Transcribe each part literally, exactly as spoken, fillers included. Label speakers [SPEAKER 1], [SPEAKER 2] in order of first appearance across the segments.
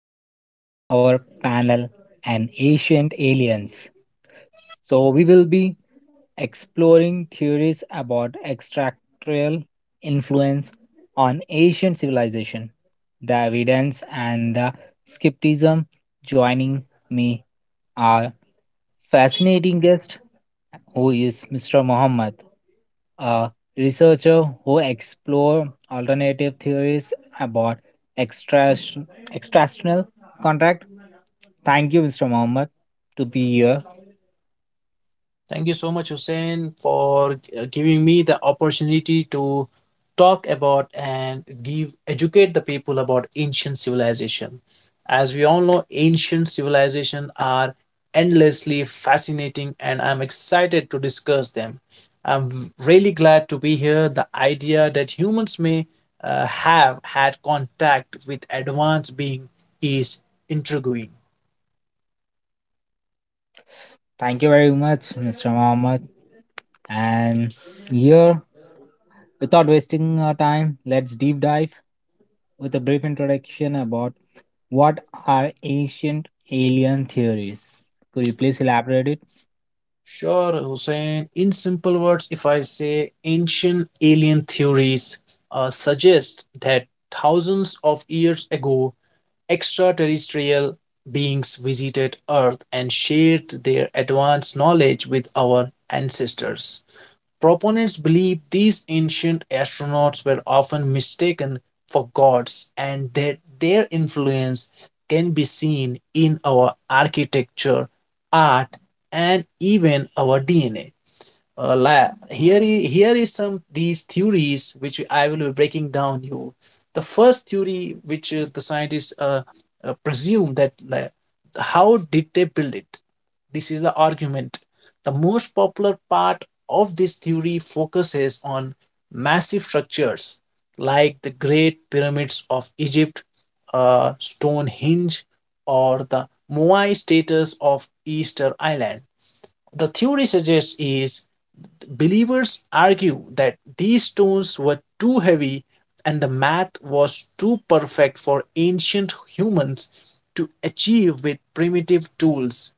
[SPEAKER 1] welcome to m- our panel on ancient aliens. So, we will be exploring theories about extraterrestrial influence on ancient civilization, the evidence, and the skepticism. Joining me are fascinating guest who is mister Muhammad. A researcher who explore alternative theories about extra extrational contract. Thank you, mister Mohammed, to be here.
[SPEAKER 2] Thank you so much, Hussein, for uh, giving me the opportunity to talk about and give educate the people about ancient civilization. As we all know, ancient civilization are endlessly fascinating, and I'm excited to discuss them. I'm v- really glad to be here. The idea that humans may uh, have had contact with advanced being is intriguing.
[SPEAKER 1] Thank you very much, mister Mohammed. And here, without wasting our time, let's deep dive with a brief introduction about what are ancient alien theories. Could you please elaborate it?
[SPEAKER 2] Sure, Hussein. In simple words, if I say ancient alien theories uh, suggest that thousands of years ago, extraterrestrial beings visited Earth and shared their advanced knowledge with our ancestors. Proponents believe these ancient astronauts were often mistaken for gods and that their influence can be seen in our architecture, art, and even our D N A. Uh, la- here i- here is some these theories which I will be breaking down you. The first theory, which uh, the scientists uh, uh, presume that, la- how did they build it? This is the argument. The most popular part of this theory focuses on massive structures like the Great Pyramids of Egypt, uh, Stonehenge, or the Moai status of Easter Island. The theory suggests is. Believers argue that these stones were too heavy and the math was too perfect for ancient humans to achieve with primitive tools.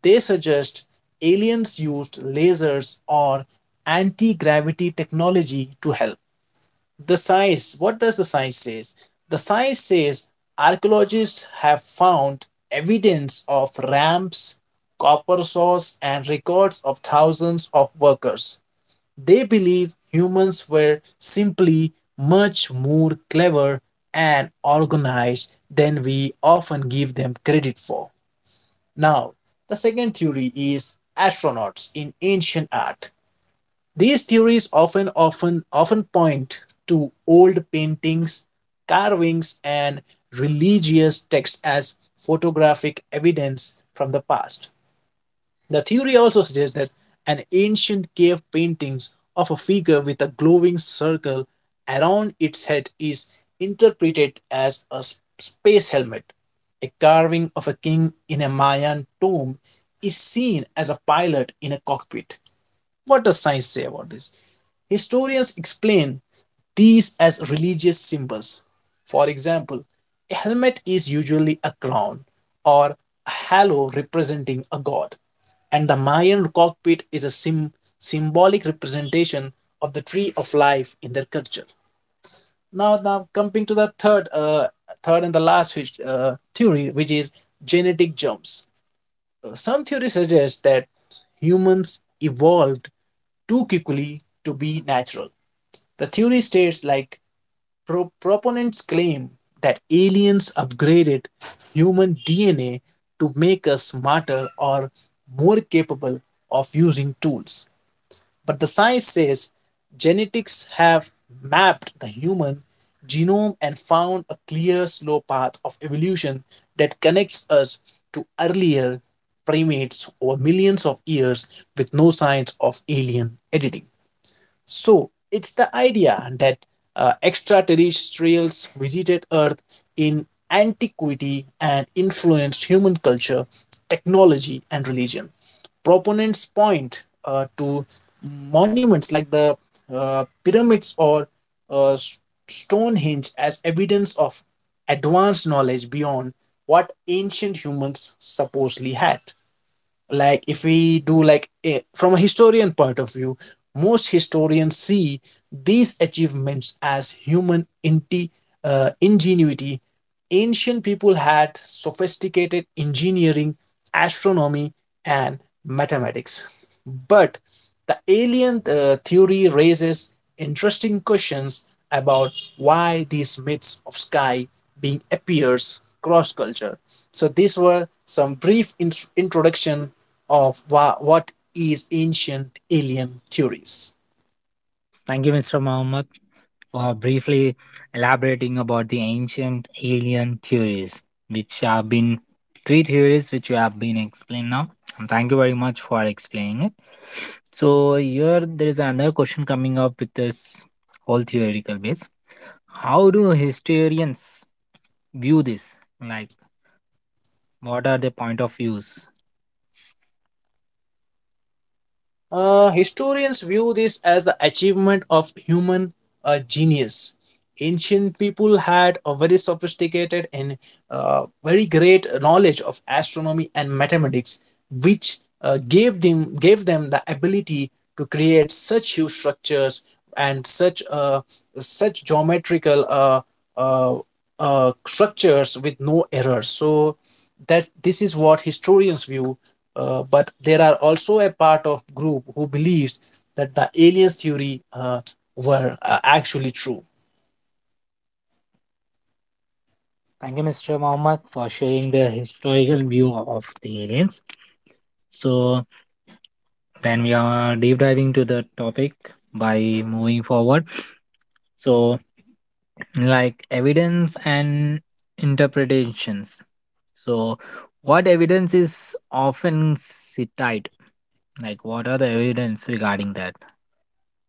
[SPEAKER 2] They suggest aliens used lasers or anti gravity technology to help. The science, what does the science say? The science says archaeologists have found evidence of ramps, copper saws, and records of thousands of workers. They believe humans were simply much more clever and organized than we often give them credit for. Now, the second theory is astronauts in ancient art. These theories often often often point to old paintings, carvings, and religious texts as photographic evidence from the past. The theory also suggests that an ancient cave paintings of a figure with a glowing circle around its head is interpreted as a space helmet. A carving of a king in a Mayan tomb is seen as a pilot in a cockpit. What does science say about this? Historians explain these as religious symbols. For example, a helmet is usually a crown or a halo representing a god, and the Mayan cockpit is a sim- symbolic representation of the tree of life in their culture. Now, now coming to the third, uh, third and the last his- uh, theory, which is genetic jumps. Uh, some theories suggest that humans evolved too quickly to be natural. The theory states like pro- proponents claim that aliens upgraded human D N A to make us smarter or more capable of using tools. But the science says genetics have mapped the human genome and found a clear, slow path of evolution that connects us to earlier primates over millions of years with no signs of alien editing. So it's the idea that uh, extraterrestrials visited Earth in antiquity and influenced human culture, technology, and religion. Proponents point uh, to monuments like the uh, pyramids or uh, S- Stonehenge as evidence of advanced knowledge beyond what ancient humans supposedly had. Like if we do like a, from a historian point of view, most historians see these achievements as human inti, uh, ingenuity. Ancient people had sophisticated engineering, astronomy, and mathematics, but the alien uh, theory raises interesting questions about why these myths of sky being appears cross culture. So these were some brief int- introduction of wha- what is ancient alien theories.
[SPEAKER 1] Thank you, mister Mohammed. Uh, briefly elaborating about the ancient alien theories, which have been three theories which you have been explained now. And thank you very much for explaining it. So here there is another question coming up with this whole theoretical base. How do historians view this? Like, what are their point of views?
[SPEAKER 2] Uh, historians view this as the achievement of human uh, genius. Ancient people had a very sophisticated and, uh, very great knowledge of astronomy and mathematics, which uh, gave them gave them the ability to create such huge structures and such uh, such geometrical uh, uh, uh, structures with no errors. So that this is what historians view, uh, but there are also a part of group who believes that the aliens theory, uh, were uh, actually true.
[SPEAKER 1] Thank you, mister Mohammed, for sharing the historical view of the aliens. So then we are deep diving to the topic by moving forward. So, like, evidence and interpretations, so what evidence is often cited, like what are the evidence regarding that?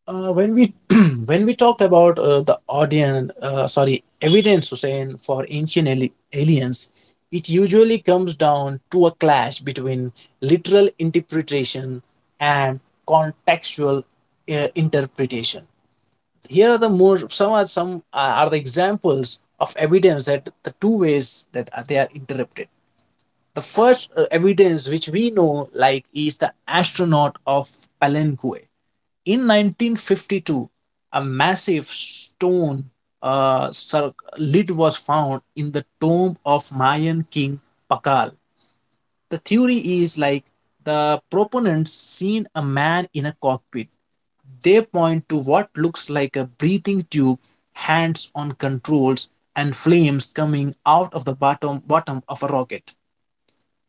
[SPEAKER 2] Uh, when we when we talk about, uh, the audience, uh, sorry, evidence, Hussein, for ancient ali- aliens, it usually comes down to a clash between literal interpretation and contextual uh, interpretation. Here are the more. Some are some are the examples of evidence, that the two ways that they are interpreted. The first uh, evidence which we know like is the astronaut of Palenque. In nineteen fifty-two, a massive stone uh, lid was found in the tomb of Mayan king Pakal. The theory is like the proponents seen a man in a cockpit. They point to what looks like a breathing tube, hands on controls, and flames coming out of the bottom bottom of a rocket.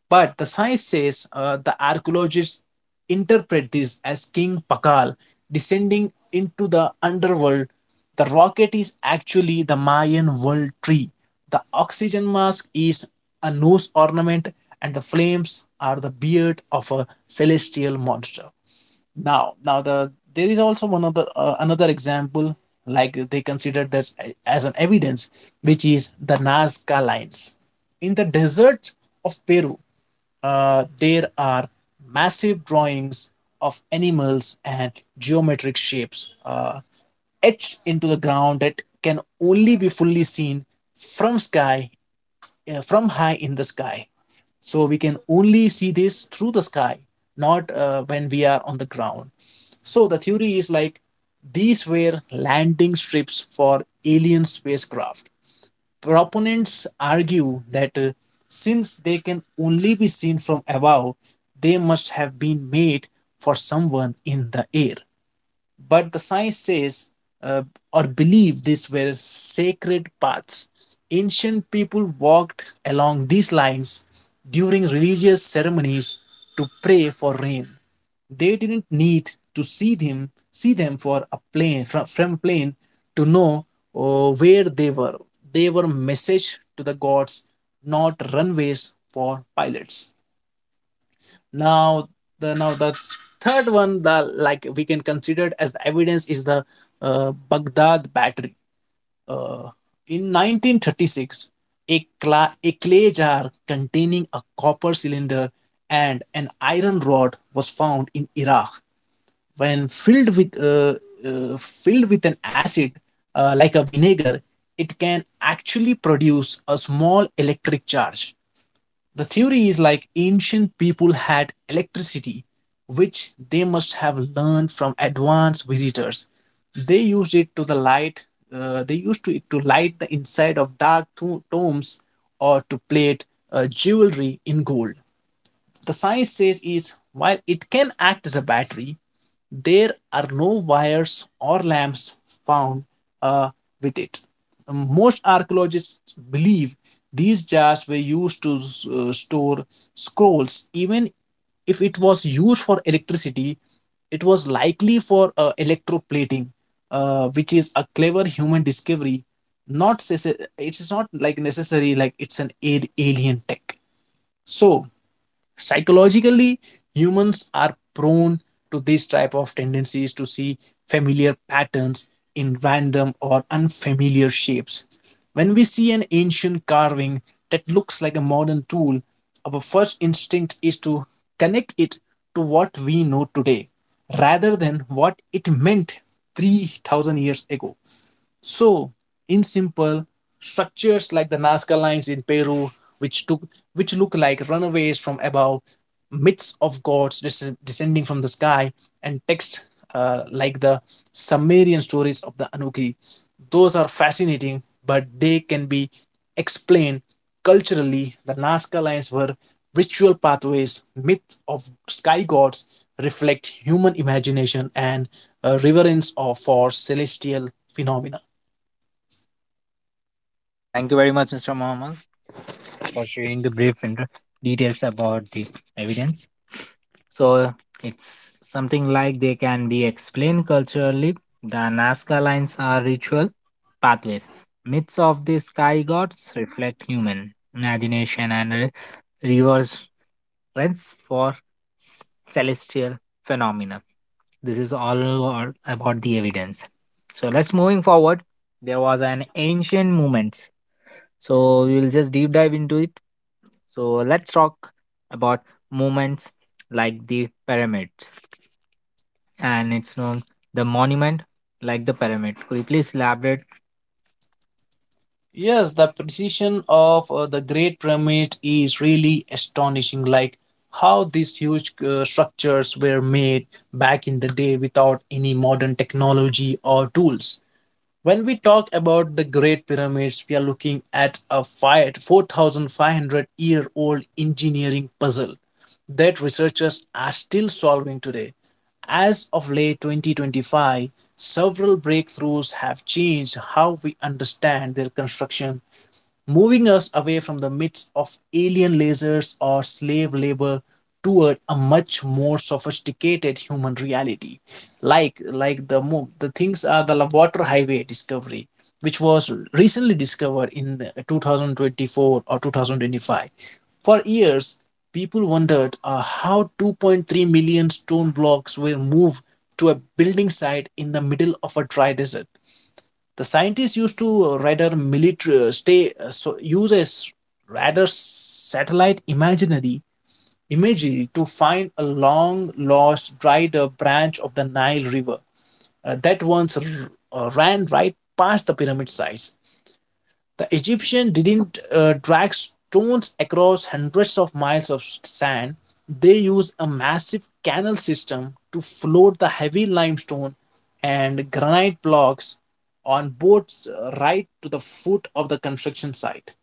[SPEAKER 2] But the science says, uh, the archaeologists interpret this as King Pakal descending into the underworld. The rocket is actually the Mayan world tree. The oxygen mask is a nose ornament, and the flames are the beard of a celestial monster. Now, now the there is also one other uh, another example, like they considered this as an evidence, which is the Nazca lines in the deserts of Peru. Uh, there are massive drawings of animals and geometric shapes uh, etched into the ground that can only be fully seen from sky uh, from high in the sky, so we can only see this through the sky, not uh, when we are on the ground. So the theory is like these were landing strips for alien spacecraft. Proponents argue that, uh, since they can only be seen from above, they must have been made for someone in the air. But the science says, uh, or believe these were sacred paths. Ancient people walked along these lines during religious ceremonies to pray for rain. They didn't need to see them see them for a plane from, from a plane to know uh, where they were. They were message to the gods, not runways for pilots. Now the now the third one, the, like, we can consider it as the evidence is the uh, Baghdad battery, uh, in nineteen thirty-six. A, cla- a clay jar containing a copper cylinder and an iron rod was found in Iraq. When filled with, uh, uh, filled with an acid, uh, like a vinegar, it can actually produce a small electric charge. The theory is like ancient people had electricity, which they must have learned from advanced visitors. They used it to the light. Uh, they used to it to light the inside of dark to- tombs or to plate uh, jewelry in gold. The science says is while it can act as a battery, there are no wires or lamps found, uh, with it. Most archaeologists believe these jars were used to uh, store scrolls. Even if it was used for electricity, it was likely for uh, electroplating, uh, which is a clever human discovery. Not, it is not like necessary, like it's an alien tech. So psychologically, humans are prone to these type of tendencies to see familiar patterns in random or unfamiliar shapes. When we see an ancient carving that looks like a modern tool, our first instinct is to connect it to what we know today rather than what it meant three thousand years ago. So, in simple, structures like the Nazca lines in Peru, which took which look like runaways from above, myths of gods des- descending from the sky, and texts, uh, like the Sumerian stories of the Anunnaki, those are fascinating, but they can be explained culturally. The Nazca lines were ritual pathways, myths of sky gods reflect human imagination and, uh, reverence of, for celestial phenomena.
[SPEAKER 1] Thank you very much, Mr. Mohammed, for sharing the brief inter- details about the evidence. So it's something like they can be explained culturally. The Nazca lines are ritual pathways, myths of the sky gods reflect human imagination and uh, reverse reference for s- celestial phenomena. This is all all about the evidence. So let's moving forward. There was an ancient movement. So we will just deep dive into it. So let's talk about movements like the pyramid, and it's known the monument like the pyramid. Could you please elaborate?
[SPEAKER 2] Yes, the precision of uh, the Great Pyramid is really astonishing. Like how these huge uh, structures were made back in the day without any modern technology or tools. When we talk about the Great Pyramids, we are looking at a four thousand five four thousand five hundred year old engineering puzzle that researchers are still solving today. As of late twenty twenty-five, several breakthroughs have changed how we understand their construction, moving us away from the myths of alien lasers or slave labor toward a much more sophisticated human reality. Like like the mo- the things are the water highway discovery, which was recently discovered in twenty twenty-four or twenty twenty-five. For years people wondered uh, how two point three million stone blocks were moved to a building site in the middle of a dry desert. The scientists used to rather military, uh, stay, uh, so use a rather satellite imaginary imagery to find a long lost dried up branch of the Nile River, uh, that once r- uh, ran right past the pyramid sites. The Egyptians didn't uh, drag stones across hundreds of miles of sand. They used a massive canal system to float the heavy limestone and granite blocks on boats, uh, right to the foot of the construction site.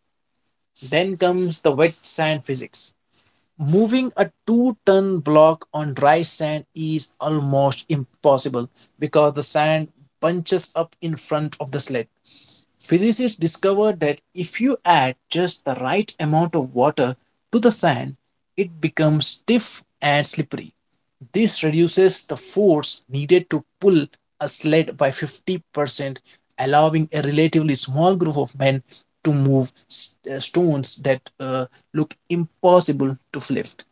[SPEAKER 2] Then comes the wet sand physics. Moving a two ton block on dry sand is almost impossible because the sand bunches up in front of the sled. Physicists discovered that if you add just the right amount of water to the sand, it becomes stiff and slippery. This reduces the force needed to pull a sled by fifty percent, allowing a relatively small group of men to move s- uh, stones that uh, look impossible to lift.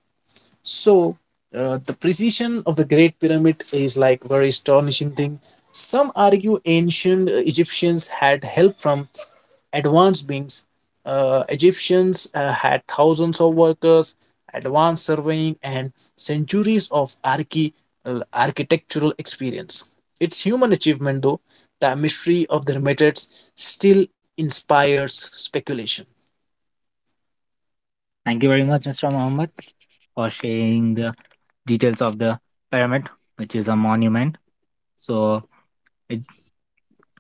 [SPEAKER 2] So, uh, the precision of the Great Pyramid is like very astonishing thing. Some argue ancient Egyptians had help from advanced means. uh, Egyptians uh, had thousands of workers, advanced surveying, and centuries of archi- uh, architectural experience. Its human achievement, though, the mystery of their methods still inspires speculation.
[SPEAKER 1] Thank you very much, mister Mohammed, for sharing the details of the pyramid, which is a monument. So it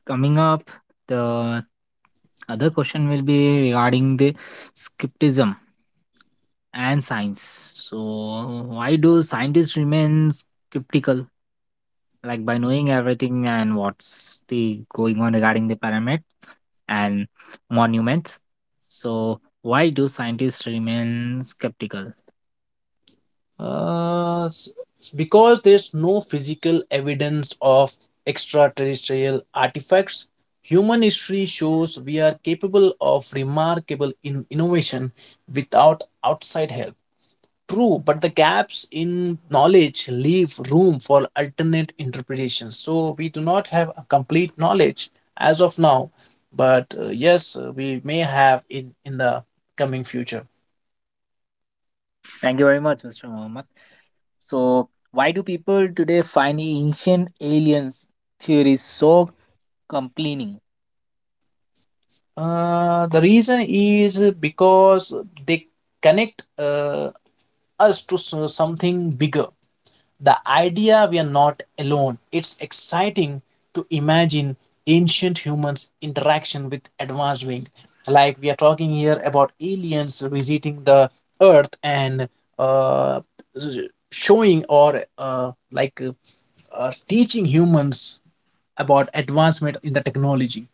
[SPEAKER 1] coming up, the other question will be regarding the skepticism and science. So, why do scientists remain skeptical? Like by knowing everything and what's the going on regarding the pyramid and monuments. So, why do scientists remain skeptical?
[SPEAKER 2] Uh, s- because there's no physical evidence of extraterrestrial artifacts, human history shows we are capable of remarkable in- innovation without outside help. True, but the gaps in knowledge leave room for alternate interpretations. So we do not have a complete knowledge as of now, but uh, yes, uh, we may have in in the coming future.
[SPEAKER 1] Thank you very much, mister Mohammed. So, why do people today find ancient aliens theories so compelling?
[SPEAKER 2] Uh, the reason is because they connect uh, us to so- something bigger. The idea we are not alone. It's exciting to imagine ancient humans' interaction with advanced being. Like we are talking here about aliens visiting the Earth and uh, showing or uh, like uh, uh, teaching humans about advancement in the technology.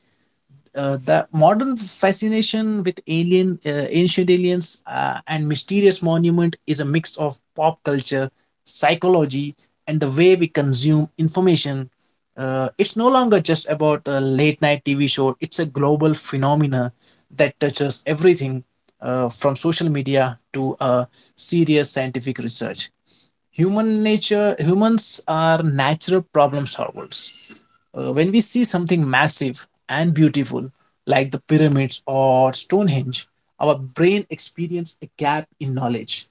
[SPEAKER 2] uh, The modern fascination with alien uh, ancient aliens uh, and mysterious monument is a mix of pop culture, psychology, and the way we consume information. Uh, it's no longer just about a late night TV show. It's a global phenomena that touches everything, uh, from social media to uh, serious scientific research. Human nature: humans are natural problem solvers. Uh, when we see something massive and beautiful like the pyramids or Stonehenge, our brain experiences a gap in knowledge.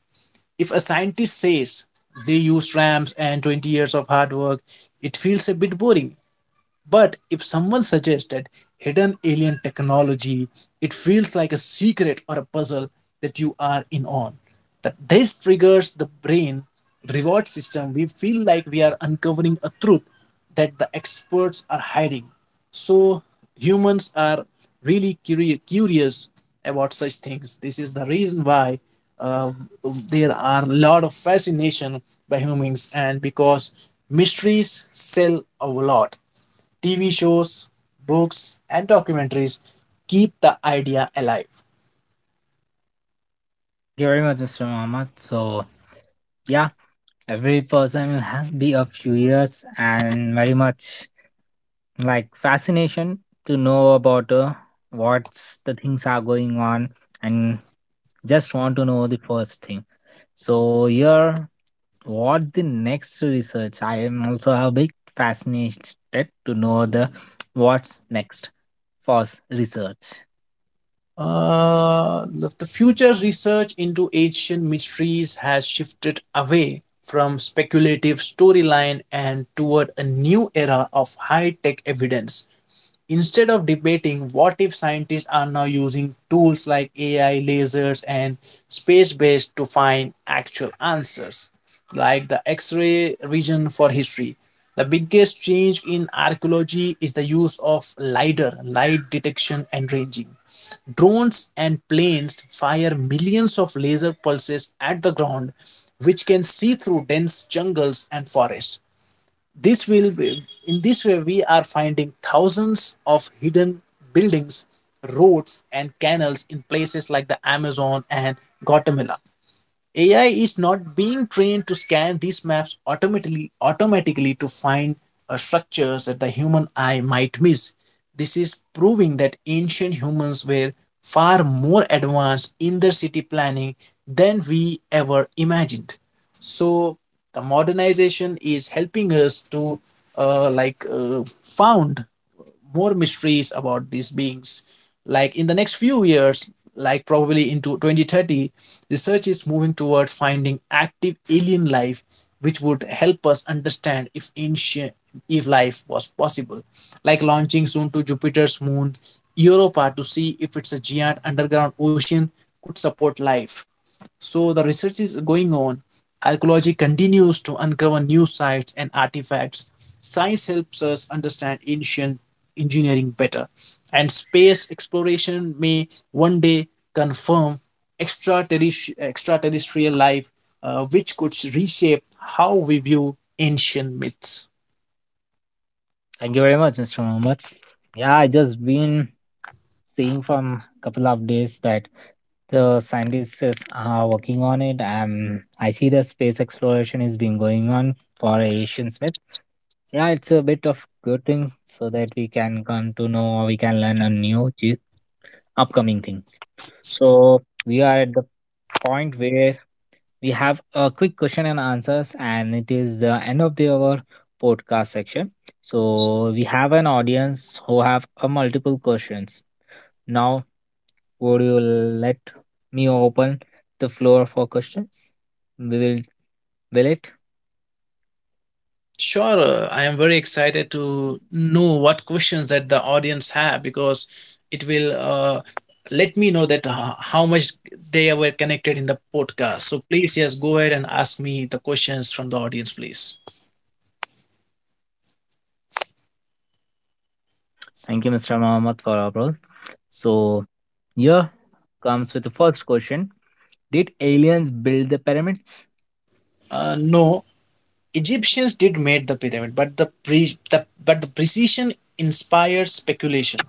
[SPEAKER 2] If a scientist says they used ramps and twenty years of hard work, it feels a bit boring. But if someone suggests that hidden alien technology, it feels like a secret or a puzzle that you are in on. That this triggers the brain reward system. We feel like we are uncovering a truth that the experts are hiding. So humans are really curi- curious about such things. This is the reason why uh, there are a lot of fascination by humans, and because mysteries sell a lot. T V shows, books, and documentaries keep the idea alive.
[SPEAKER 1] Thank you very much, mister Muhammad. So, yeah, every person will have be a curious and very much like fascination to know about uh, what's the things are going on and just want to know the first thing. So, here, what the next research? I am also a big fascinated to know the what's next for research.
[SPEAKER 2] Uh, the the future research into ancient mysteries has shifted away from speculative storyline and toward a new era of high tech evidence. Instead of debating what if, scientists are now using tools like A I, lasers, and space based to find actual answers, like the X ray region for history. The biggest change in archaeology is the use of LIDAR, light detection and ranging. Drones and planes fire millions of laser pulses at the ground, which can see through dense jungles and forests. This will be, in this way we are finding thousands of hidden buildings, roads and canals in places like the Amazon and Guatemala. A I is not being trained to scan these maps automatically automatically to find uh, structures that the human eye might miss. This is proving that ancient humans were far more advanced in their city planning than we ever imagined. So the modernization is helping us to uh, like uh, found more mysteries about these beings. Like in the next few years, like probably into twenty thirty, research is moving toward finding active alien life, which would help us understand if ancient, if life was possible. Like launching soon to Jupiter's moon, Europa, to see if it's a giant underground ocean could support life. So the research is going on. Archaeology continues to uncover new sites and artifacts. Science helps us understand ancient engineering better. And space exploration may one day confirm extraterrestri- extraterrestrial life, uh, which could reshape how we view ancient myths.
[SPEAKER 1] Thank you very much, mister Muhammad. Yeah, I just been seeing from a couple of days that the scientists is, are working on it. Um, I see the space exploration is been going on for Asian Smith. Yeah, it's a bit of good thing so that we can come to know or we can learn a new chi- upcoming things. So we are at the point where we have a quick question and answers, and it is the end of the our podcast section. So we have an audience who have a multiple questions. Now would you let me open the floor for questions? We will will it.
[SPEAKER 2] Sure, I am very excited to know what questions that the audience have, because it will uh, let me know that uh, how much they were connected in the podcast. So please, yes, go ahead and ask me the questions from the audience, please.
[SPEAKER 1] Thank you, mister Mohammed, for our role. So here comes with the first question. Did aliens build the pyramids?
[SPEAKER 2] Uh, no, Egyptians did made the pyramid, but the pre- the but the precision inspires speculation.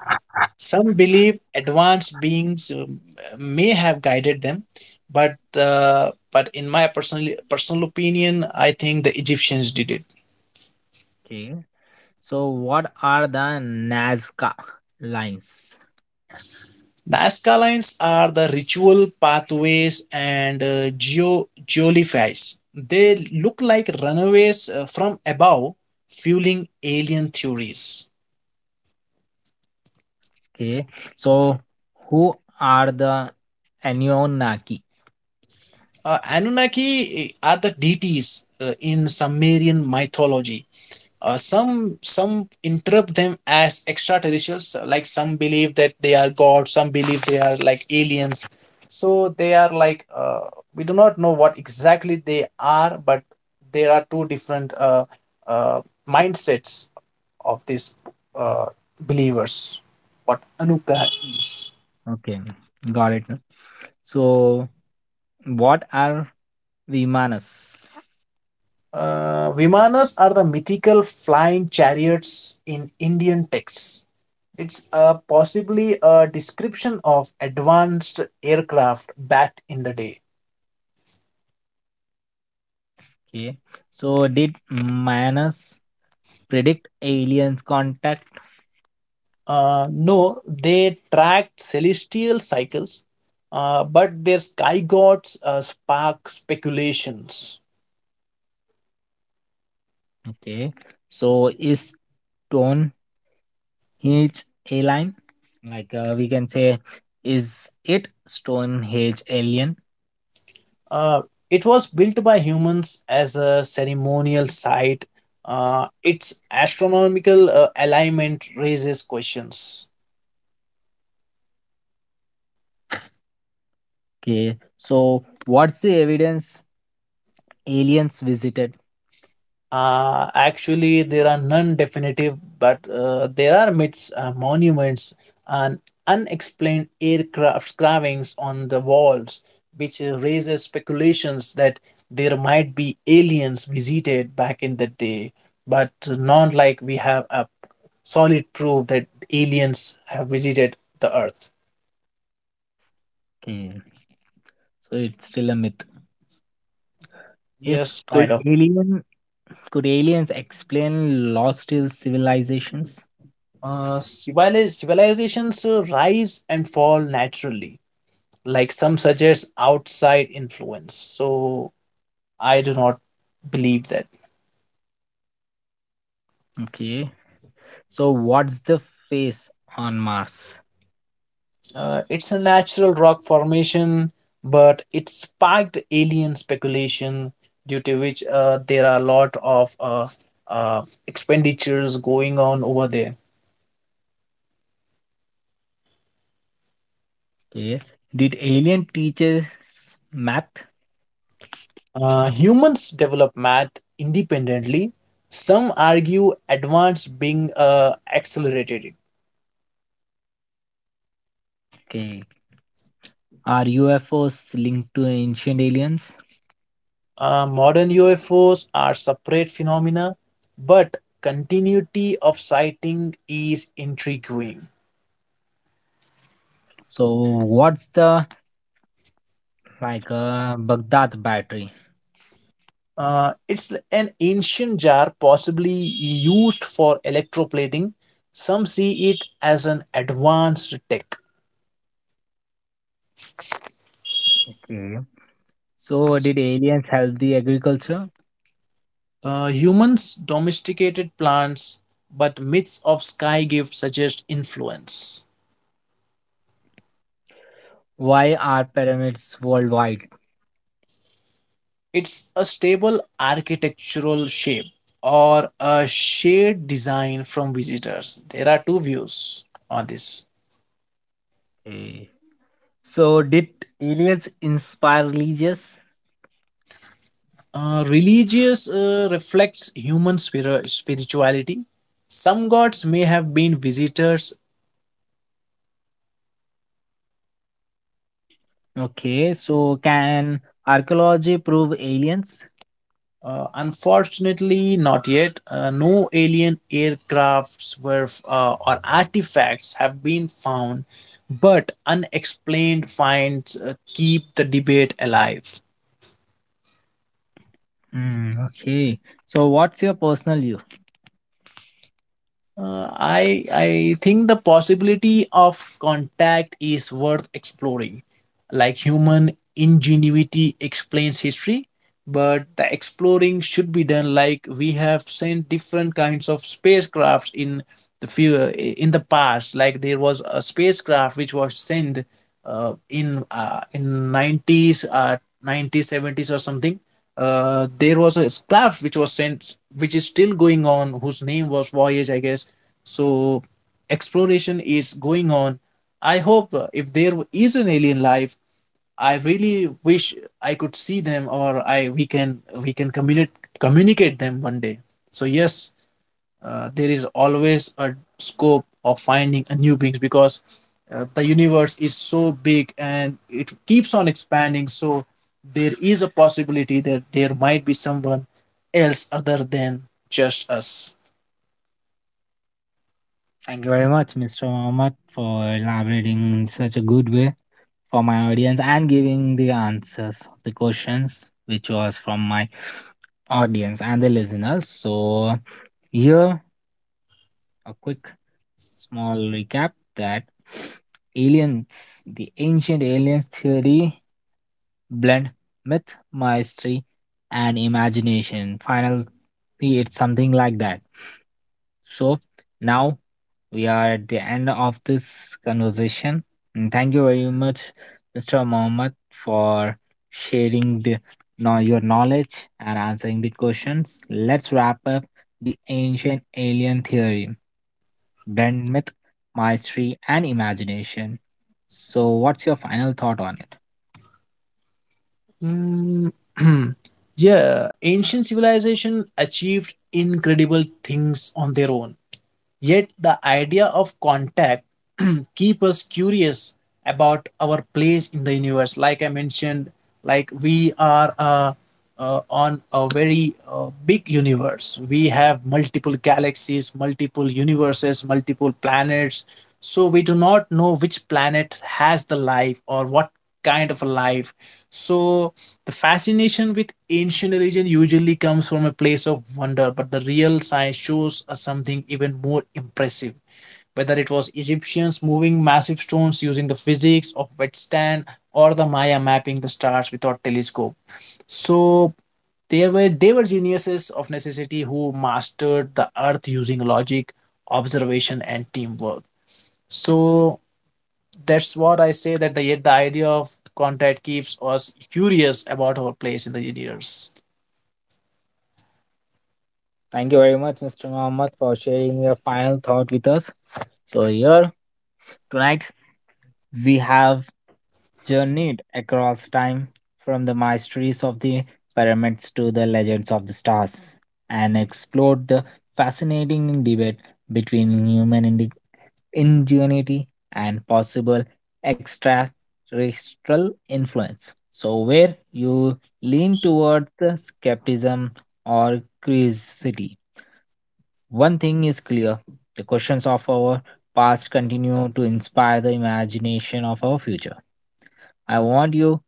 [SPEAKER 2] Some believe advanced beings um, may have guided them, but uh, but in my personal personal opinion, I think the Egyptians did it.
[SPEAKER 1] Okay. So what are the Nazca lines?
[SPEAKER 2] Nazca lines are the ritual pathways and uh, geo geoliphies. They look like runaways uh, from above, fueling alien theories.
[SPEAKER 1] Okay. So who are the Anunnaki?
[SPEAKER 2] Uh, Anunnaki uh, are the deities uh, in Sumerian mythology. Uh, some some interpret them as extraterrestrials. So, like some believe that they are gods. Some believe they are like aliens. So they are like, uh, we do not know what exactly they are, but there are two different uh, uh, mindsets of these uh, believers. What Anuka is.
[SPEAKER 1] Okay. Got it. So what are Vimanas?
[SPEAKER 2] Uh, Vimanas are the mythical flying chariots in Indian texts. It's uh, possibly a description of advanced aircraft back in the day.
[SPEAKER 1] Okay. So did Manus predict aliens contact?
[SPEAKER 2] Uh, no, they tracked celestial cycles, uh, but their sky gods uh, spark speculations.
[SPEAKER 1] Okay. So is Stonehenge alien? Like, uh, we can say, is it Stonehenge alien?
[SPEAKER 2] Uh, it was built by humans as a ceremonial site. Uh, its astronomical uh, alignment raises questions.
[SPEAKER 1] Okay. So what's the evidence aliens visited?
[SPEAKER 2] Uh, actually, there are none definitive, but uh, there are myths, uh, monuments, and unexplained aircraft carvings on the walls, which uh, raises speculations that there might be aliens visited back in the day. But not like we have a solid proof that aliens have visited the Earth.
[SPEAKER 1] Okay. So it's still a myth. Okay.
[SPEAKER 2] Yes,
[SPEAKER 1] Could
[SPEAKER 2] kind of.
[SPEAKER 1] alien could aliens explain lost civilizations?
[SPEAKER 2] Uh, civili- civilizations uh, rise and fall naturally, like some suggest outside influence, so I do not believe that.
[SPEAKER 1] Okay. So what's the face on Mars?
[SPEAKER 2] Uh, it's a natural rock formation, but it sparked alien speculation, due to which uh, there are a lot of uh, uh, expenditures going on over there.
[SPEAKER 1] Okay. Did alien teaches math?
[SPEAKER 2] Uh, humans develop math independently. Some argue advanced being uh, accelerated.
[SPEAKER 1] Okay. Are U F O's linked to ancient aliens?
[SPEAKER 2] Uh, modern U F Os are separate phenomena, but continuity of sighting is intriguing.
[SPEAKER 1] So what's the like uh, Baghdad battery?
[SPEAKER 2] Uh, it's an ancient jar possibly used for electroplating. Some see it as an advanced tech.
[SPEAKER 1] Okay. So did aliens help the agriculture?
[SPEAKER 2] Uh, humans domesticated plants, but myths of sky gift suggest influence.
[SPEAKER 1] Why are pyramids worldwide?
[SPEAKER 2] It's a stable architectural shape or a shade design from visitors. There are two views on this.
[SPEAKER 1] Okay. So did aliens inspire religious?
[SPEAKER 2] Uh, religious uh, reflects human spir- spirituality. Some gods may have been visitors.
[SPEAKER 1] Okay. So can archaeology prove aliens?
[SPEAKER 2] Uh, unfortunately, not yet. Uh, no alien aircrafts were uh, or artifacts have been found, but unexplained finds uh, keep the debate alive.
[SPEAKER 1] Hmm. Okay. So what's your personal view?
[SPEAKER 2] Uh, I I think the possibility of contact is worth exploring. Like human ingenuity explains history, but the exploring should be done. Like we have sent different kinds of spacecrafts in the few in the past. Like there was a spacecraft which was sent uh, in uh, in nineties, uh nineties or something. Uh, there was a craft which was sent, which is still going on, whose name was voyage, I guess. So exploration is going on. I hope, uh, if there is an alien life, I really wish I could see them, or I we can we can communicate, communicate them one day. So yes, uh, there is always a scope of finding a new beings, because uh, the universe is so big and it keeps on expanding. So there is a possibility that there might be someone else other than just us.
[SPEAKER 1] Thank you very much, mister Mohammed, for elaborating in such a good way for my audience and giving the answers of the questions which was from my audience and the listeners. So here a quick small recap that aliens, the ancient aliens theory blend myth, mystery, and imagination. Finally, it's something like that. So now we are at the end of this conversation. And thank you very much, mister Mohammed, for sharing the know your knowledge and answering the questions. Let's wrap up the ancient alien theory, blend myth, mystery, and imagination. So, what's your final thought on it?
[SPEAKER 2] Mm, yeah, ancient civilization achieved incredible things on their own. Yet the idea of contact keep us curious about our place in the universe. Like I mentioned, like we are uh, uh, on a very uh, big universe. We have multiple galaxies, multiple universes, multiple planets. So we do not know which planet has the life or what kind of a life. So the fascination with ancient religion usually comes from a place of wonder, but the real science shows us something even more impressive. Whether it was Egyptians moving massive stones using the physics of wetstand, or the Maya mapping the stars without telescope. So they were they were geniuses of necessity who mastered the earth using logic, observation and teamwork. So that's what I say, that the the idea of contact keeps us curious about our place in the universe.
[SPEAKER 1] Thank you very much, mister Mohammed, for sharing your final thought with us. So, here tonight we have journeyed across time from the mysteries of the pyramids to the legends of the stars and explored the fascinating debate between human indi- ingenuity and possible extraterrestrial influence. So, where you lean toward the skepticism or curiosity, one thing is clear, the questions of our past continue to inspire the imagination of our future. I want you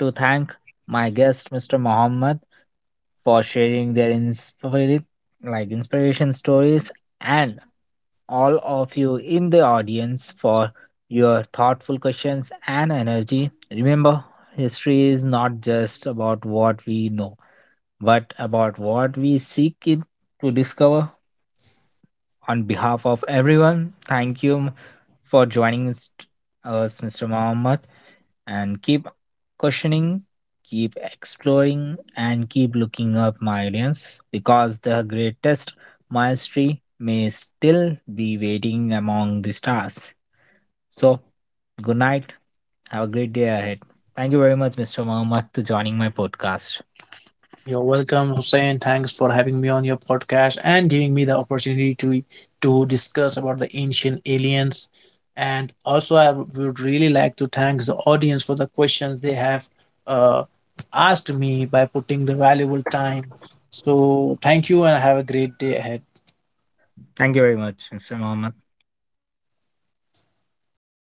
[SPEAKER 1] to thank my guest, mister Mohammed, for sharing their inspired, like inspiration stories, and all of you in the audience for your thoughtful questions and energy. Remember, history is not just about what we know, but about what we seek it to discover. On behalf of everyone, thank you for joining us, us, mister Mohammed, and keep questioning, keep exploring, and keep looking up my audience because the greatest mastery may still be waiting among the stars. So, good night. Have a great day ahead. Thank you very much, mister Mohammed, to joining my podcast.
[SPEAKER 2] You're welcome, Hussein. Thanks for having me on your podcast and giving me the opportunity to to discuss about the ancient aliens. And also, I would really like to thank the audience for the questions they have uh, asked me by putting the valuable time. So, thank you and have a great day ahead.
[SPEAKER 1] Thank you very much, mister Mohammed.